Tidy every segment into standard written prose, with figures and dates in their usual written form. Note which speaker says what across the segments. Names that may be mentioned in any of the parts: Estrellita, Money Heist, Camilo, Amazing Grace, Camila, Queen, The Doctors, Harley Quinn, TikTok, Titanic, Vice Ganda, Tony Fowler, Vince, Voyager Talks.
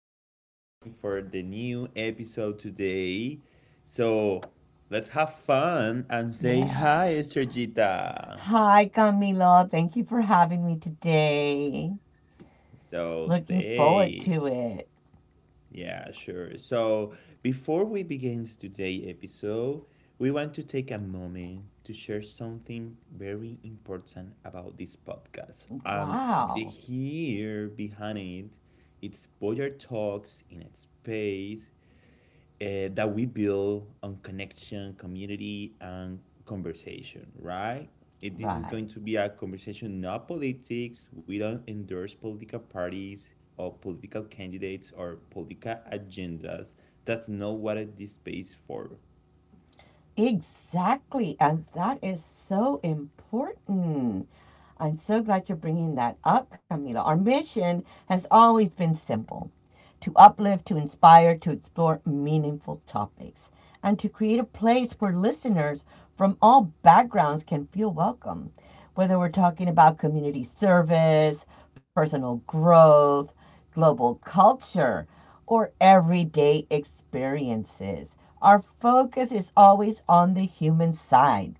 Speaker 1: back again for the new episode today. So, let's have fun and say
Speaker 2: Yeah.
Speaker 1: hi, Estrellita!
Speaker 2: Hi, Camila. Thank you for having me today.
Speaker 1: So,
Speaker 2: Looking forward
Speaker 1: they.
Speaker 2: to it.
Speaker 1: Yeah, sure. So, before we begin today's episode, we want to take a moment to share something very important about this podcast. The
Speaker 2: Wow.
Speaker 1: here behind it, it's Voyager Talks in a space that we build on connection, community, and conversation, right? If this is
Speaker 2: Right.
Speaker 1: going to be a conversation, not politics. We don't endorse political parties or political candidates or political agendas. That's not what this space is for.
Speaker 2: Exactly. And that is so important. I'm so glad you're bringing that up, Camila. Our mission has always been simple to uplift, to inspire, to explore meaningful topics, and to create a place where listeners from all backgrounds can feel welcome. Whether we're talking about community service, personal growth, global culture, or everyday experiences. Our focus is always on the human side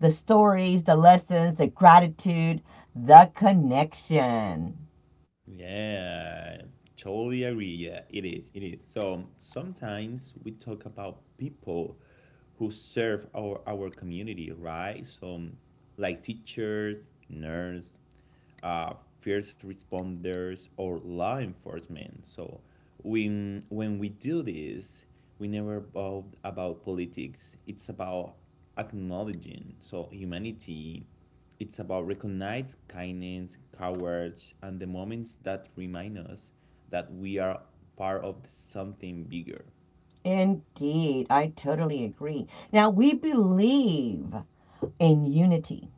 Speaker 2: the stories, the lessons, the gratitude, the connection.
Speaker 1: Yeah, totally agree. Yeah, it is. It is. So sometimes we talk about people who serve our community, right? So like teachers, nurse, uh, first responders, or law enforcement. So when we do this, we never about politics. It's about acknowledging so humanity, it's about recognize kindness, courage, and the moments that remind us that we are part of something bigger.
Speaker 2: Indeed, I totally agree. Now, we believe in unity,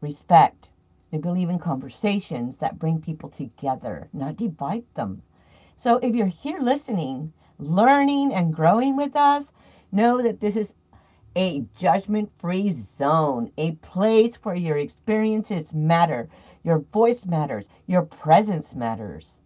Speaker 2: respect. We believe in conversations that bring people together, not divide them. So if you're here listening, learning, and growing with us, know that this is a judgment free zone, a place where your experiences matter, your voice matters, your presence matters.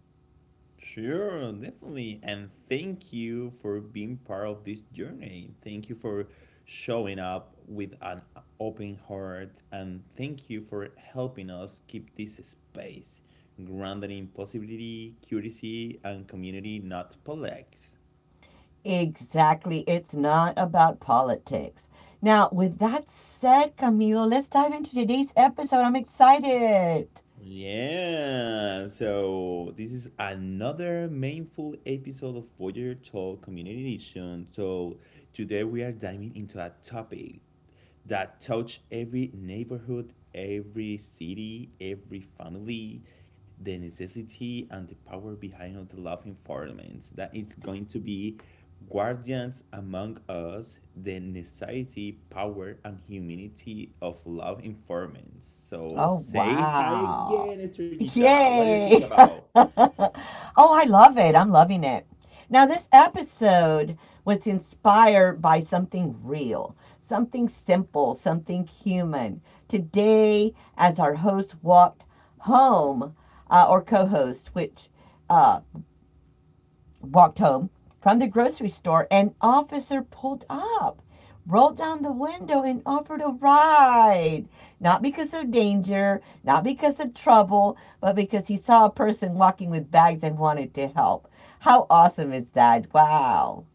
Speaker 1: Sure, definitely. And thank you for being part of this journey. Thank you for showing up with an open heart. And thank you for helping us keep this space grounded in possibility, curiosity, and community, not politics.
Speaker 2: Exactly, it's not about politics. Now, with that said, Camilo, let's dive into today's episode. I'm excited.
Speaker 1: Yeah, so this is another meaningful episode of Voyager Talk Community Edition. So today we are diving into a topic that touch every neighborhood, every city, every family, the necessity and the power behind the love environments. That it's going to be guardians among us, the necessity, power, and humanity of love informants. So
Speaker 2: Oh,
Speaker 1: say hi
Speaker 2: wow.
Speaker 1: again, Estrellita. What do you think
Speaker 2: Yay.
Speaker 1: about?
Speaker 2: Oh, I love it. I'm loving it. Now, this episode was inspired by something real, something simple, something human. Today, as our host walked home, or co host, which uh, walked home from the grocery store, an officer pulled up, rolled down the window, and offered a ride. Not because of danger, not because of trouble, but because he saw a person walking with bags and wanted to help. How awesome is that? Wow.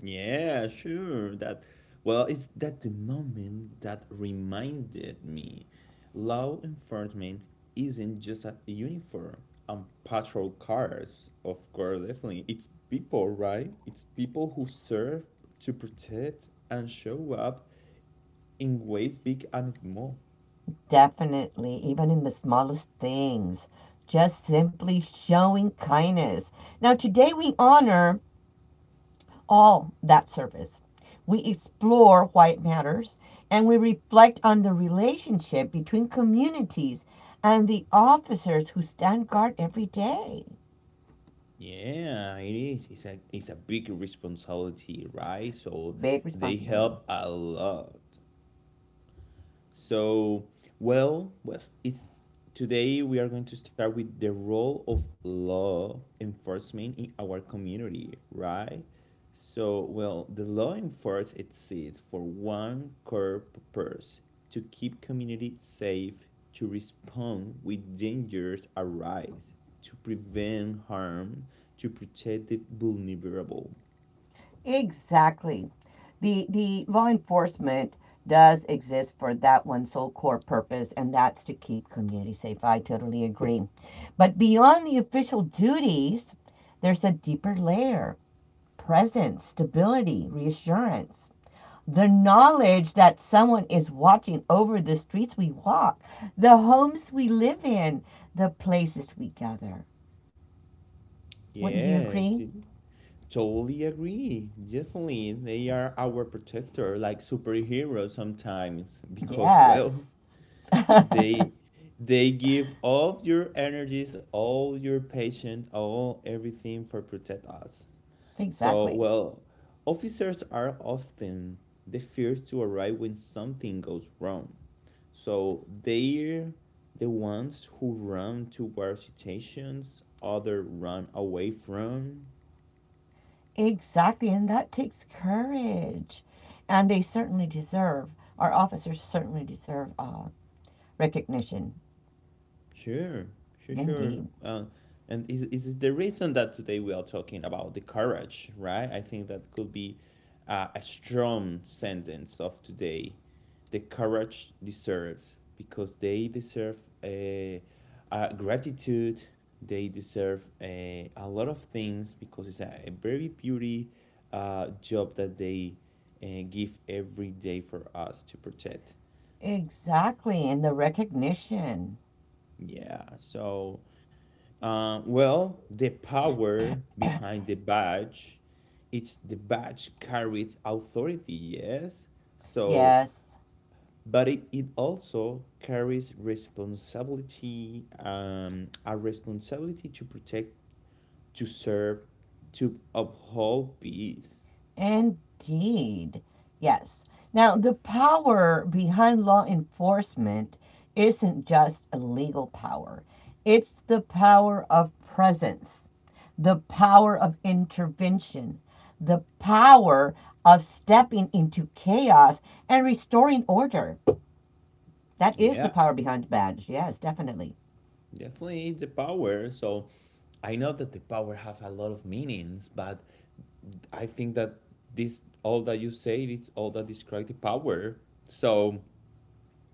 Speaker 1: Yeah, sure. That, well, it's that the moment that reminded me law enforcement isn't just a uniform and patrol cars, of course, definitely. It's people, right? It's people who serve to protect and show up in ways big and small.
Speaker 2: Definitely, even in the smallest things, just simply showing kindness. Now, today we honor all that service. We explore why it matters and we reflect on the relationship between communities and the officers who stand guard every day.
Speaker 1: Yeah, it is. It's a big responsibility, right? So
Speaker 2: Big
Speaker 1: they
Speaker 2: responsibility.
Speaker 1: help a lot. So, well, it's today we are going to start with the role of law enforcement in our community, right? So, well, the law enforcement exists for one core purpose to keep community safe, to respond when dangers arise, to prevent harm, to protect the vulnerable.
Speaker 2: Exactly. The law enforcement does exist for that one sole core purpose, and that's to keep community safe. I totally agree. But beyond the official duties, there's a deeper layer presence, stability, reassurance. The knowledge that someone is watching over the streets we walk, the homes we live in, the places we gather. Wouldn't you agree?
Speaker 1: Yes, it- totally agree. Definitely, they are our protector, like superheroes sometimes, because well,
Speaker 2: Yes.
Speaker 1: they they give all your energies, all your patience, all everything for protect us. So
Speaker 2: exactly.
Speaker 1: well, officers are often the first to arrive when something goes wrong. So they're the ones who run towards situations other run away from.
Speaker 2: Exactly. And that takes courage. And they certainly deserve, our officers certainly deserve recognition.
Speaker 1: Sure, sure, sure.
Speaker 2: Indeed.
Speaker 1: Uh, and is it the reason that today we are talking about the courage, right? I think that could be a strong sentence of today. The courage deserves because they deserve a, uh, gratitude. They deserve a lot of things because it's a very beauty job that they give every day for us to protect.
Speaker 2: Exactly. And the recognition.
Speaker 1: Yeah, so well, the power behind the badge, it's the badge carries authority, yes. So,
Speaker 2: Yes.
Speaker 1: but it also carries responsibility, a responsibility to protect, to serve, to uphold peace.
Speaker 2: Indeed. Yes. Now, the power behind law enforcement isn't just a legal power, it's the power of presence, the power of intervention, the power of stepping into chaos and restoring order. That is the
Speaker 1: Yeah.
Speaker 2: power behind the badge. Yes, definitely.
Speaker 1: Definitely is the power. So I know that the power have a lot of meanings, but I think that this all that you say is all that describe the power. So,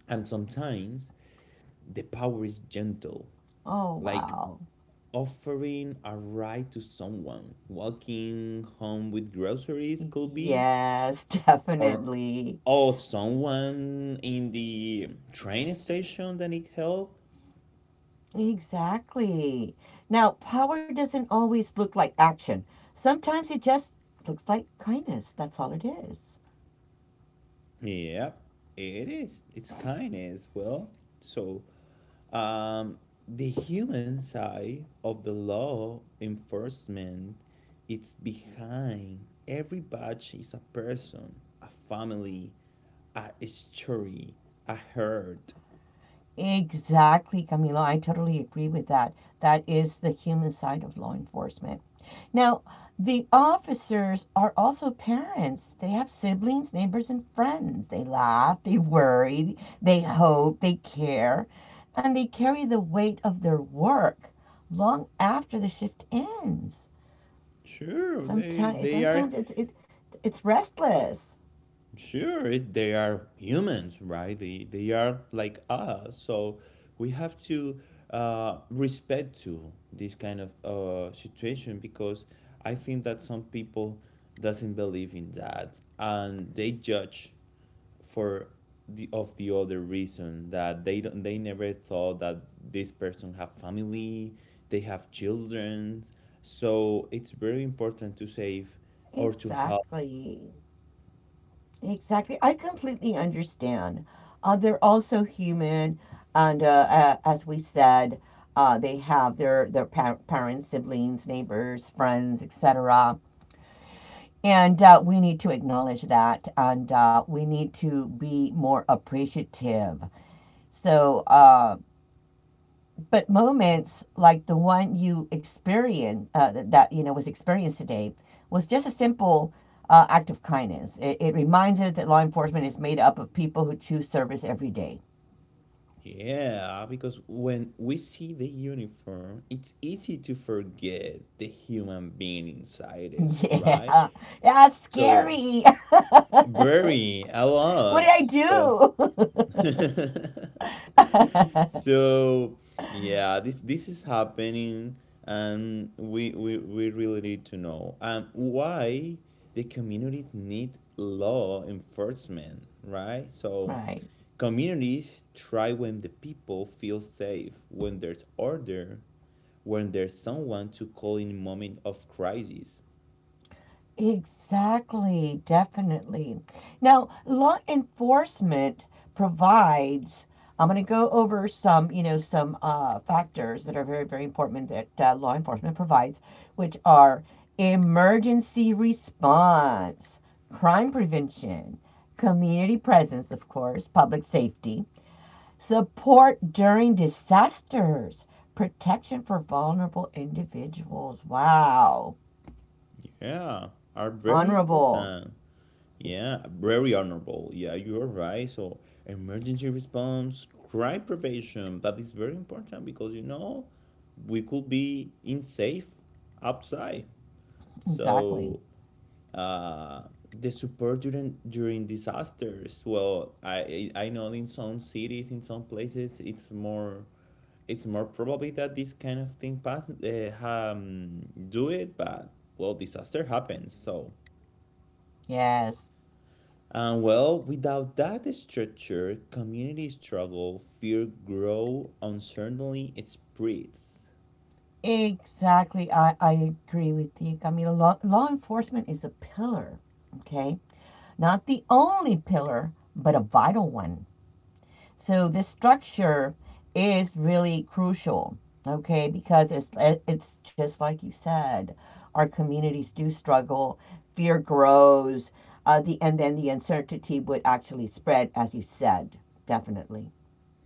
Speaker 1: and sometimes the power is gentle,
Speaker 2: Oh,
Speaker 1: like
Speaker 2: wow.
Speaker 1: offering a ride to someone, walking home with groceries could be,
Speaker 2: Yes,
Speaker 1: or
Speaker 2: definitely.
Speaker 1: or someone in the train station that need help.
Speaker 2: Exactly. Now, power doesn't always look like action. Sometimes it just looks like kindness. That's all it is.
Speaker 1: Yep, it is. It's kindness. Well, so um, the human side of the law enforcement, it's behind every badge is a person, a family, a story, a hurt.
Speaker 2: Exactly, Camilo. I totally agree with that. That is the human side of law enforcement. Now, the officers are also parents. They have siblings, neighbors, and friends. They laugh, they worry, they hope, they care, and they carry the weight of their work long after the shift ends.
Speaker 1: Sure,
Speaker 2: Sometimes,
Speaker 1: they
Speaker 2: sometimes
Speaker 1: are
Speaker 2: it's it, it's restless.
Speaker 1: sure, it- they are humans, right? They are like us, so we have to respect to this kind of situation because I think that some people doesn't believe in that and they judge for the of the other reason that they never thought that this person have family, they have children, so it's very important to save or to help.
Speaker 2: Exactly, exactly. I completely understand. They're also human, and as we said, they have their parents, siblings, neighbors, friends, etc. And we need to acknowledge that, and we need to be more appreciative. So. Uh, But moments like the one you experience that you know was experienced today was just a simple act of kindness. It reminds us that law enforcement is made up of people who choose service every day.
Speaker 1: Yeah, because when we see the uniform, it's easy to forget the human being inside it, right?
Speaker 2: Yeah, that's
Speaker 1: So,
Speaker 2: scary.
Speaker 1: very, a
Speaker 2: What
Speaker 1: lot.
Speaker 2: did
Speaker 1: So,
Speaker 2: I do?
Speaker 1: so yeah, this is happening, and we really need to know why the communities need law enforcement, right? So
Speaker 2: Right.
Speaker 1: communities thrive when the people feel safe, when there's order, when there's someone to call in moment of crisis.
Speaker 2: Exactly, definitely. Now, law enforcement provides, I'm going to go over some, you know, some factors that are very, very important that law enforcement provides, which are emergency response, crime prevention, community presence, of course, public safety, support during disasters, protection for vulnerable individuals. Wow.
Speaker 1: Yeah, are very
Speaker 2: Honorable.
Speaker 1: important. Yeah, very honorable. Yeah, you are right. So emergency response, crime prevention, that is very important because you know we could be in safe outside.
Speaker 2: Exactly.
Speaker 1: So uh, the support during disasters. Well, I know in some cities, in some places, it's more probably that this kind of thing pass do it, but well, disaster happens. So,
Speaker 2: Yes,
Speaker 1: and well, without that structure, community struggle, fear grow, uncertainty spreads.
Speaker 2: exactly. I agree with you, Camila. Law enforcement is a pillar, okay? Not the only pillar, but a vital one. So this structure is really crucial, okay? Because it's just like you said, our communities do struggle, fear grows, the and then the uncertainty would actually spread, as you said, definitely.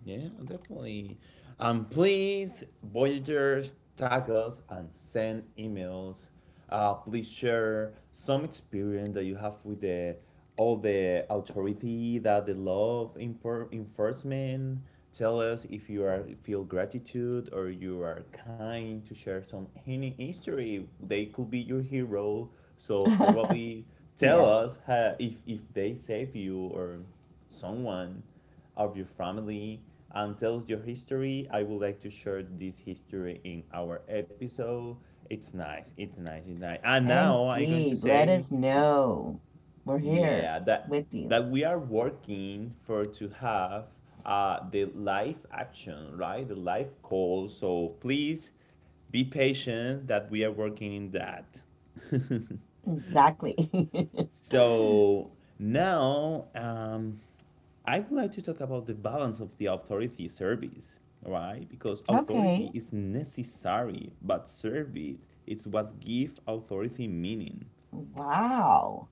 Speaker 1: Yeah, definitely. Please, Voyagers, tag us and send emails. Please share some experience that you have with the all the authority that the law of enfor- enforcement. Tell us if you are feel gratitude or you are kind to share some any history. They could be your hero. So probably tell
Speaker 2: Yeah.
Speaker 1: us how, if they save you or someone of your family and tell us your history. I would like to share this history in our episode. It's nice. It's nice. It's nice. And now I'm going to
Speaker 2: Indeed. Let us
Speaker 1: say,
Speaker 2: know. We're here
Speaker 1: yeah, that
Speaker 2: with you.
Speaker 1: that we are working for to have the live action, right? The live call. So please be patient that we are working in that.
Speaker 2: Exactly.
Speaker 1: So now, I would like to talk about the balance of the authority service. Why? Because
Speaker 2: Okay.
Speaker 1: authority is necessary, but service it's what gives authority meaning.
Speaker 2: Wow.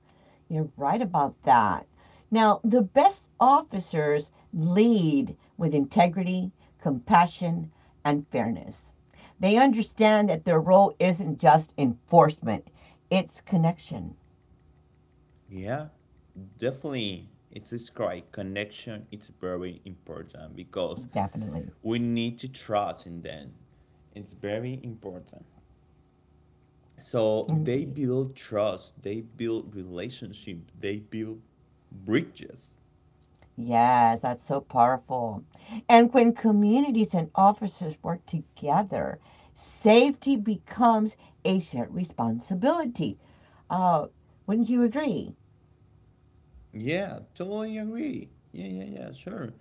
Speaker 2: You're right about that. Now, the best officers lead with integrity, compassion, and fairness. They understand that their role isn't just enforcement, it's connection.
Speaker 1: Yeah, definitely. It's this correct. Connection, it's very important because
Speaker 2: Definitely.
Speaker 1: we need to trust in them. It's very important. So they
Speaker 2: Indeed.
Speaker 1: build trust, they build relationship, they build bridges.
Speaker 2: Yes, that's so powerful. And when communities and officers work together, safety becomes a shared responsibility. Uh, wouldn't you agree?
Speaker 1: Yeah, totally agree. Yeah, yeah, yeah, sure.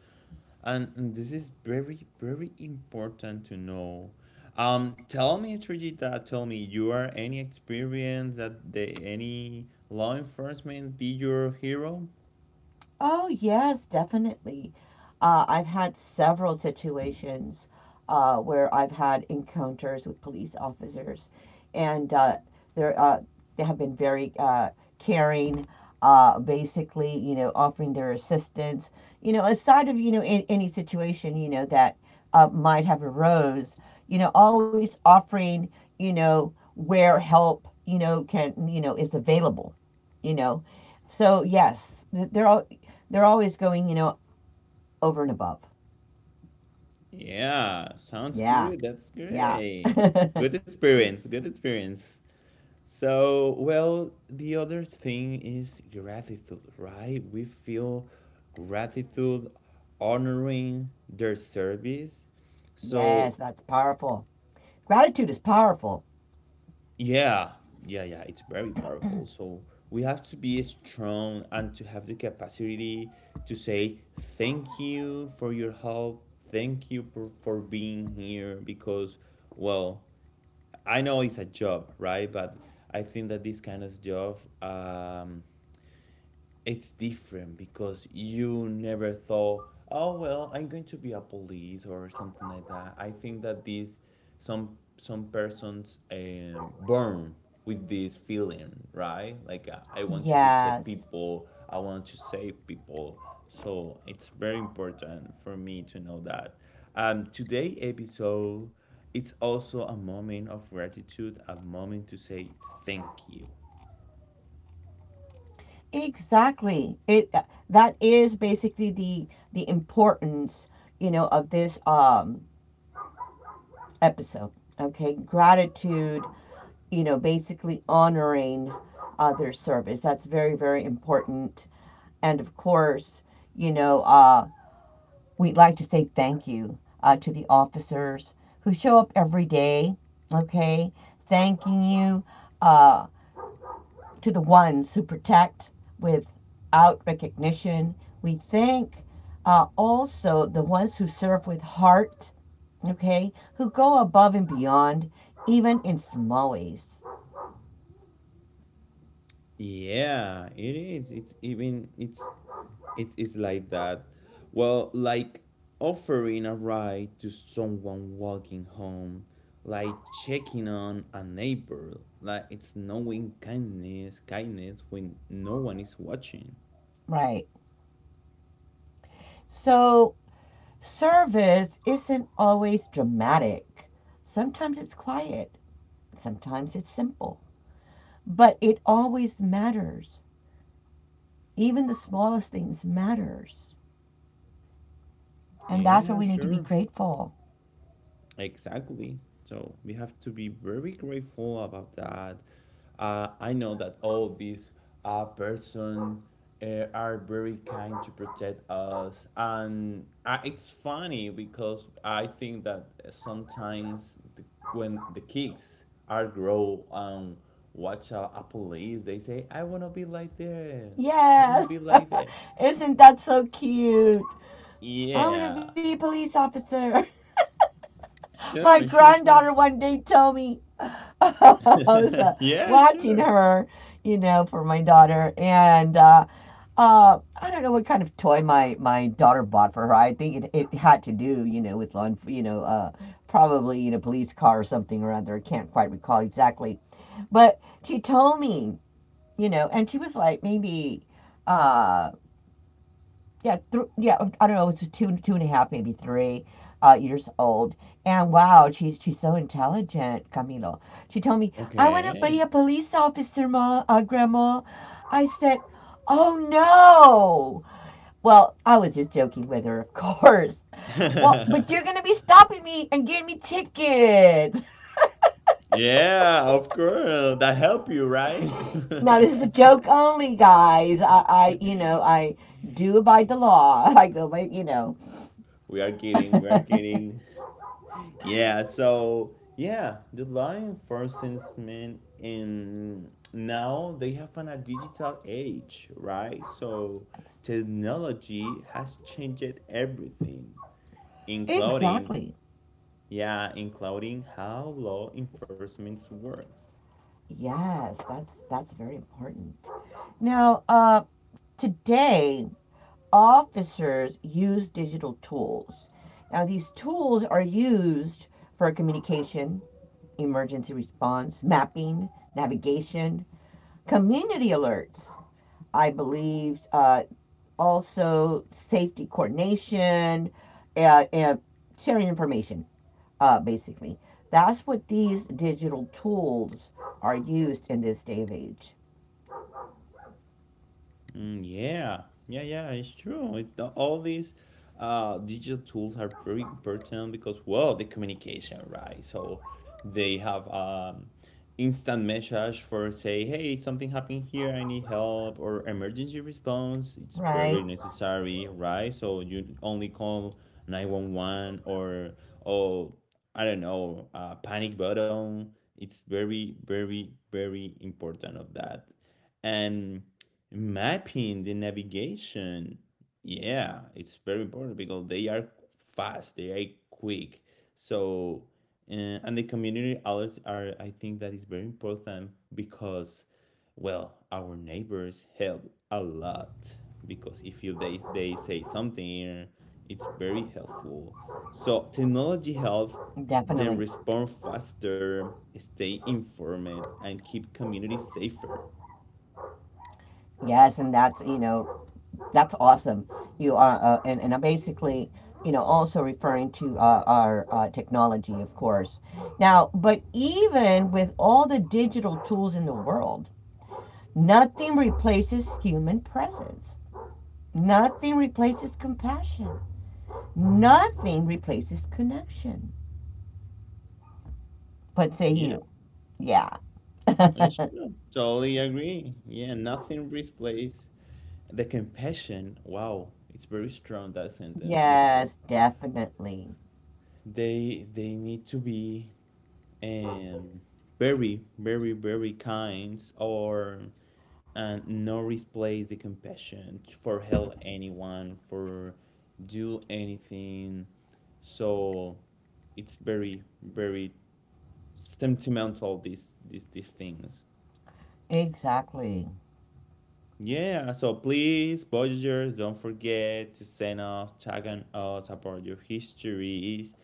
Speaker 1: And this is very, very important to know. Tell me, Trigita, tell me, you are any experience that the, any law enforcement be your hero?
Speaker 2: Oh, yes, definitely. I've had several situations where I've had encounters with police officers, and they're, they have been very caring, basically, you know, offering their assistance. You know, aside of, you know, in, any situation, you know, that might have arose, you know, always offering, you know, where help, you know, can, you know, is available you know so yes, they're all they're always going, you know, over and above.
Speaker 1: Yeah, sounds
Speaker 2: Yeah,
Speaker 1: good. That's
Speaker 2: yeah.
Speaker 1: great. Good experience. Good experience. So, well, the other thing is gratitude, right? We feel gratitude honoring their service.
Speaker 2: Yes,
Speaker 1: So,
Speaker 2: that's powerful. Gratitude is powerful.
Speaker 1: yeah, yeah, yeah, it's very powerful. So, we have to be strong and to have the capacity to say thank you for your help. Thank you for being here because, well, I know it's a job, right? But I think that this kind of job, it's different because you never thought, oh well, I'm going to be a police or something like that. I think that this some persons born with this feeling, right? Like I want to protect
Speaker 2: Yes,
Speaker 1: people, I want to save people. So it's very important for me to know that. Today episode, it's also a moment of gratitude, a moment to say thank you.
Speaker 2: exactly. It That is basically the importance, you know, of this episode. Okay, gratitude. You know, basically honoring their service. That's very very important. And of course, you know, we'd like to say thank you to the officers who show up every day, okay? Thanking you uh, to the ones who protect without recognition. We thank also the ones who serve with heart, okay? Who go above and beyond, even in small ways,
Speaker 1: Yeah, it is. It's it's like that. Well, like offering a ride to someone walking home, like checking on a neighbor, like it's knowing kindness, kindness when no one is watching.
Speaker 2: right? So, service isn't always dramatic. Sometimes it's quiet, sometimes it's simple, but it always matters, even the smallest things matters, and that's where
Speaker 1: Yeah,
Speaker 2: we need to be
Speaker 1: sure.
Speaker 2: grateful.
Speaker 1: Exactly. So we have to be very grateful about that. I know that all these person are very kind to protect us, and it's funny because I think that sometimes the, when the kids are grow and watch a police, they say, "I wanna be like that. I wanna
Speaker 2: Yes.
Speaker 1: be like that."
Speaker 2: Isn't that so cute? I want to be
Speaker 1: Yeah.
Speaker 2: a police officer. My
Speaker 1: Sure. Sure. Sure.
Speaker 2: granddaughter one day told me I was
Speaker 1: Yeah.
Speaker 2: watching
Speaker 1: Sure.
Speaker 2: her, you know, for my daughter, and I don't know what kind of toy my daughter bought for her. I think it had to do, you know, with law, you know, probably in a police car or something or other. I can't quite recall exactly, but she told me, you know, and she was like maybe uh, I don't know. It was two, two and a half, maybe three years old. And wow, she's so intelligent, Camilo. She told me, "I want to be a
Speaker 1: Okay.
Speaker 2: police officer, grandma." I said, "Oh no!" Well, I was just joking with her, of course. Well, but you're gonna be stopping me and giving me tickets.
Speaker 1: Yeah, of course. That help you, right?
Speaker 2: Now this is a joke only, guys. I do abide the law. I go by, you know.
Speaker 1: We are kidding. We are kidding. Yeah. So yeah, the law enforcement in now they have an, a digital age, right? So technology has changed everything, including
Speaker 2: Exactly.
Speaker 1: yeah, including how law enforcement works.
Speaker 2: Yes, that's very important. Now, today, officers use digital tools. Now, these tools are used for communication, emergency response, mapping, navigation, community alerts, I believe, also safety coordination, and sharing information, basically. That's what these digital tools are used in this day of age,
Speaker 1: Mm, yeah, yeah, yeah. It's true. It's the, all these digital tools are very important because, well, the communication, right? So they have instant message for say, hey, something happened here. I need help or emergency response. It's
Speaker 2: right?
Speaker 1: very necessary, right? So you only call 911 or oh, I don't know, panic button. It's very, very, very important of that, and mapping the navigation, yeah, it's very important because they are fast, they are quick. So uh, and the community alerts are, I think that is very important because well our neighbors help a lot because if you they say something, it's very helpful. So technology helps
Speaker 2: Definitely.
Speaker 1: them respond faster, stay informed, and keep communities safer.
Speaker 2: Yes, and that's, you know, that's awesome. You are, and I'm basically, you know, also referring to our technology, of course. Now, but even with all the digital tools in the world, nothing replaces human presence. Nothing replaces compassion. Nothing replaces connection. What say
Speaker 1: Yeah.
Speaker 2: you? Yeah.
Speaker 1: It's true. Totally agree. Yeah, nothing replaces the compassion. Wow, it's very strong that sentence because
Speaker 2: Yes, definitely.
Speaker 1: they need to be um very very very kind or and no replace the compassion t- for help anyone for do anything. So it's very very sentimental these things.
Speaker 2: Exactly.
Speaker 1: Yeah, so please, Voyagers, don't forget to send us, tag on us about your histories,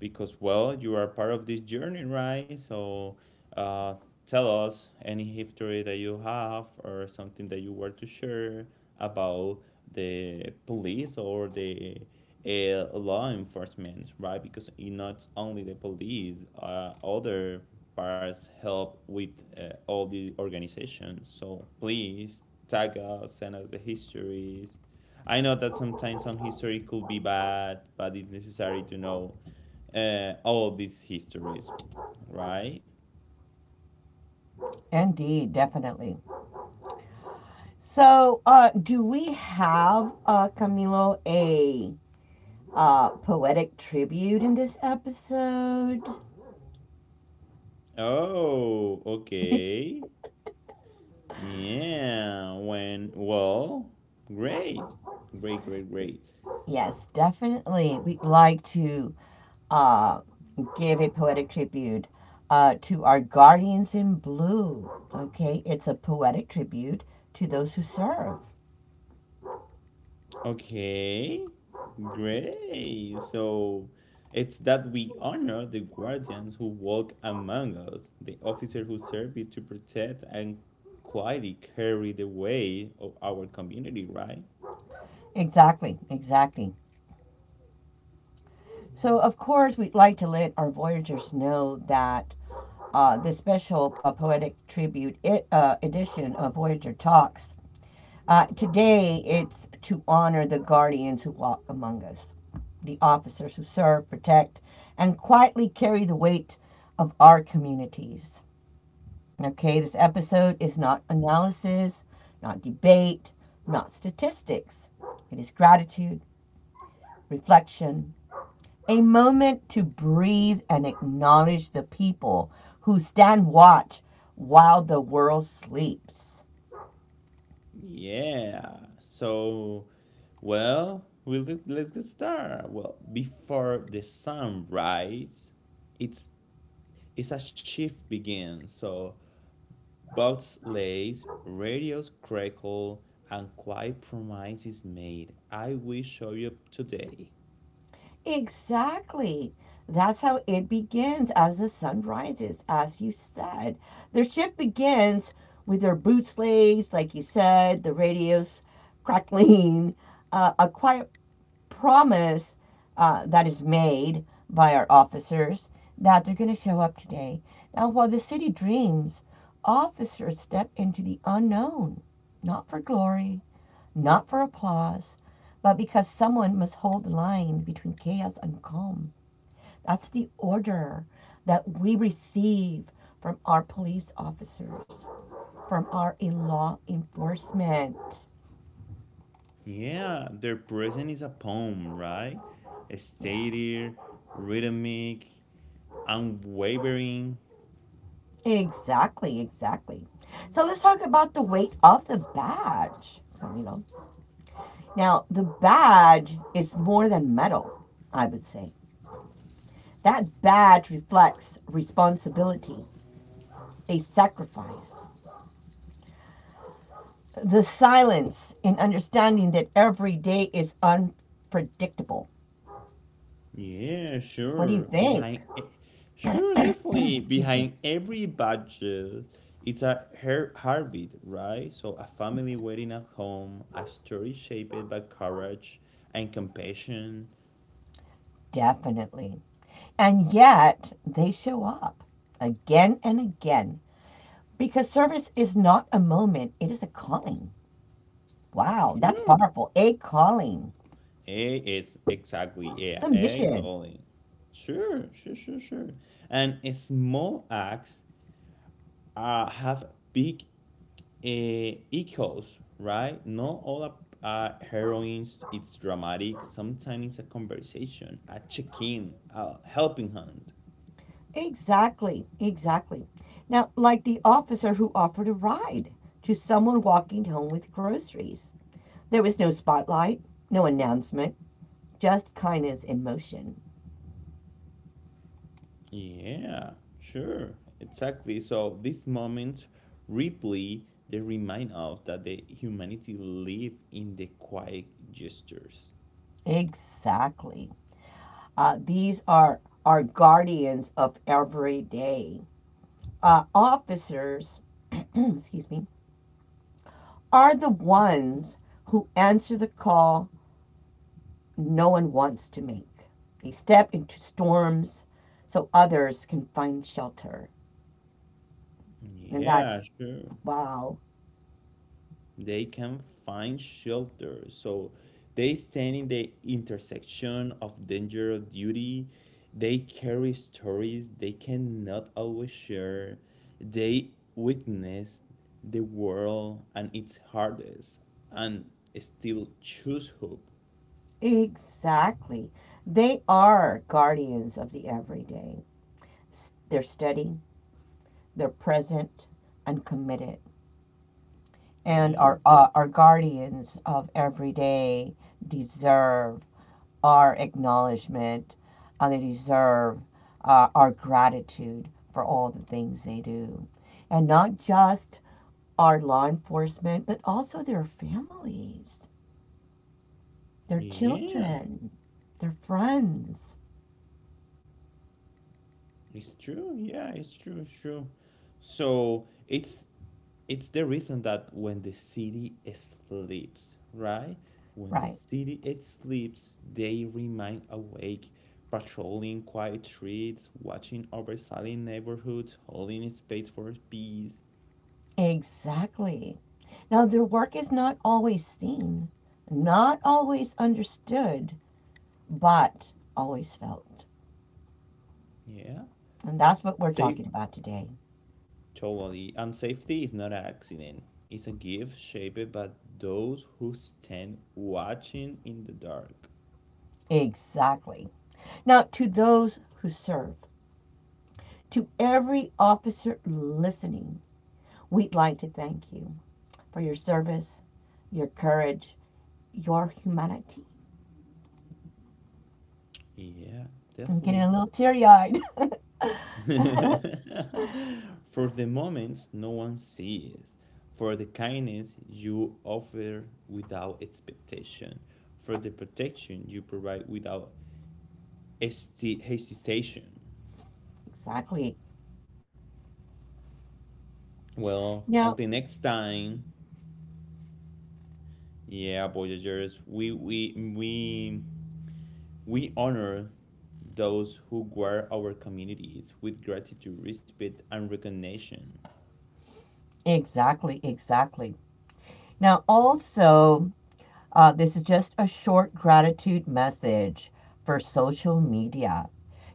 Speaker 1: because well you are part of this journey right so uh, tell us any history that you have or something that you were to share about the police or the law enforcement, right? Because it not only the police, other parts help with all the organizations, so please tag us, send us the histories. I know that sometimes some history could be bad, but it's necessary to know all these histories, right?
Speaker 2: Indeed, definitely. So, do we have, Camilo, a poetic tribute in this episode?
Speaker 1: Oh, okay. Yeah, when, well, great. Great, great, great.
Speaker 2: Yes, definitely. We'd like to uh, give a poetic tribute to our guardians in blue. Okay, it's a poetic tribute to those who serve.
Speaker 1: Okay, great. So it's that we honor the guardians who walk among us, the officer who serve to protect and quietly carry the way of our community, right?
Speaker 2: Exactly, exactly. So, of course, we'd like to let our voyagers know that this special poetic tribute edition of Voyager Talks today, it's to honor the guardians who walk among us, the officers who serve, protect, and quietly carry the weight of our communities. Okay, this episode is not analysis, not debate, not statistics. It is gratitude, reflection, a moment to breathe and acknowledge the people who stand watch while the world sleeps.
Speaker 1: Yeah. So, well, we let, let's get started. Well, before the sun rises, it's a shift begins. So boats lays, radios crackle, and quiet promise is made. I will show you up today.
Speaker 2: Exactly. That's how it begins as the sun rises, as you said. Their shift begins with their boot slays, like you said, the radios crackling, a quiet promise that is made by our officers that they're going to show up today. Now, while the city dreams, officers step into the unknown, not for glory, not for applause, but because someone must hold the line between chaos and calm. That's the order that we receive from our police officers, from our law enforcement.
Speaker 1: Yeah, their present is a poem, right?
Speaker 2: Yeah.
Speaker 1: Stated, rhythmic, unwavering.
Speaker 2: Exactly, exactly. So let's talk about the weight of the badge, Camilo. Now, the badge is more than metal, I would say. That badge reflects responsibility, a sacrifice. The silence in understanding that every day is unpredictable.
Speaker 1: Yeah,
Speaker 2: What do you
Speaker 1: sure.
Speaker 2: think?
Speaker 1: Behind, e- sure, definitely.
Speaker 2: Excuse me.
Speaker 1: Behind every budget, it's a her- heartbeat, right? So, a family wedding at home, a story shaped by courage and compassion.
Speaker 2: Definitely. And yet, they show up again and again because service is not a moment, it is a calling. Wow, that's
Speaker 1: Sure.
Speaker 2: powerful. A calling.
Speaker 1: Eh, it's exactly,
Speaker 2: It's
Speaker 1: yeah,
Speaker 2: a
Speaker 1: egg
Speaker 2: mission.
Speaker 1: calling. Sure, sure, sure, sure. And small acts have big eh, echoes, right? Not all the heroines, it's dramatic. Sometimes it's a conversation, a check in, a helping hand.
Speaker 2: Exactly, exactly. Now, like the officer who offered a ride to someone walking home with groceries. There was no spotlight, no announcement, just kindness in motion.
Speaker 1: Yeah, sure, exactly. So these moments replay, they remind us that the humanity live in the quiet gestures.
Speaker 2: Exactly. These are our guardians of every day. Officers excuse me, are the ones who answer the call no one wants to make. They step into storms so others can find shelter. And
Speaker 1: Yeah,
Speaker 2: that's,
Speaker 1: sure.
Speaker 2: wow,
Speaker 1: They can find shelter. So they stand in the intersection of danger of duty. They carry stories they cannot always share. They witness the world and its hardest and still choose hope.
Speaker 2: exactly. They are guardians of the everyday. They're steady, they're present, and committed. And our,
Speaker 1: Yeah.
Speaker 2: uh, our guardians of everyday deserve our acknowledgement, and they deserve our gratitude for all the things they do. And not just our law enforcement, but also their families, their
Speaker 1: Yeah.
Speaker 2: children, their friends.
Speaker 1: It's true. Yeah, it's true. It's true. So it's the reason that when the city sleeps, right? When the
Speaker 2: Right.
Speaker 1: city it sleeps, they remain awake, patrolling quiet streets, watching over silent neighborhoods, holding space for peace.
Speaker 2: Exactly. Now, their work is not always seen, not always understood, but always felt.
Speaker 1: Yeah.
Speaker 2: And that's what we're
Speaker 1: Safe
Speaker 2: talking about today.
Speaker 1: totally. And safety is not an accident. It's a gift shaped by those who stand watching in the dark.
Speaker 2: Exactly. Now, to those who serve, to every officer listening, we'd like to thank you for your service, your courage, your humanity,
Speaker 1: Yeah,
Speaker 2: I'm getting a
Speaker 1: definitely.
Speaker 2: little teary eyed.
Speaker 1: For the moments no one sees, for the kindness you offer without expectation, for the protection you provide without hesti- hesitation.
Speaker 2: Exactly.
Speaker 1: Well,
Speaker 2: Now,
Speaker 1: until next time, yeah, Voyagers, we honor those who guard our communities with gratitude, respect, and recognition.
Speaker 2: exactly, exactly. Now, also, this is just a short gratitude message for social media.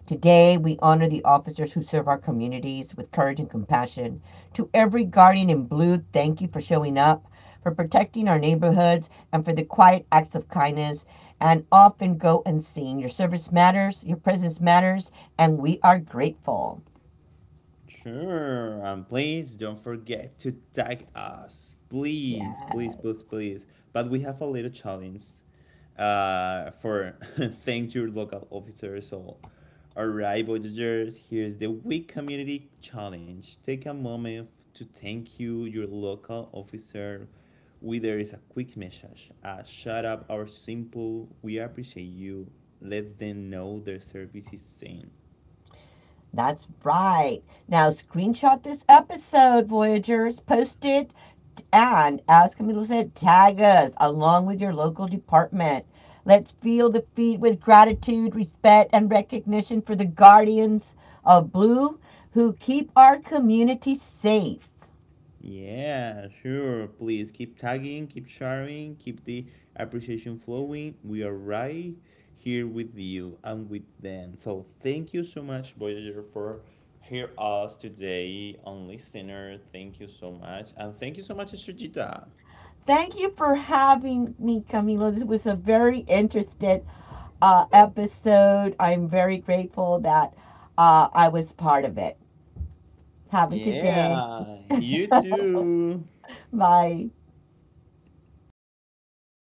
Speaker 2: Today, we honor the officers who serve our communities with courage and compassion. To every guardian in blue, thank you for showing up, for protecting our neighborhoods, and for the quiet acts of kindness. And often go unseen. Your service matters, your presence matters, and we are grateful.
Speaker 1: Sure, and please don't forget to tag us. Please, please, please,
Speaker 2: Yes.
Speaker 1: please. But we have a little challenge for thank your local officers or all right, Voyagers, here's the week community challenge. Take a moment to thank you, your local officer. Whether it's a quick message, a shout up, or simple, we appreciate you. Let them know their service is seen.
Speaker 2: That's right. Now screenshot this episode, Voyagers. Post it and, as Camilo said, tag us along with your local department. Let's feel the feed with gratitude, respect, and recognition for the guardians of blue who keep our community safe.
Speaker 1: Yeah, sure. Please keep tagging, keep sharing, keep the appreciation flowing. We are right here with you and with them. So thank you so much, Voyager, for hear us today on Listener. Thank you so much. And thank you so much, Estrellita.
Speaker 2: Thank you for having me, Camilo. This was a very interesting episode. I'm very grateful that I was part of it. Have a good day.
Speaker 1: Yeah, you too.
Speaker 2: My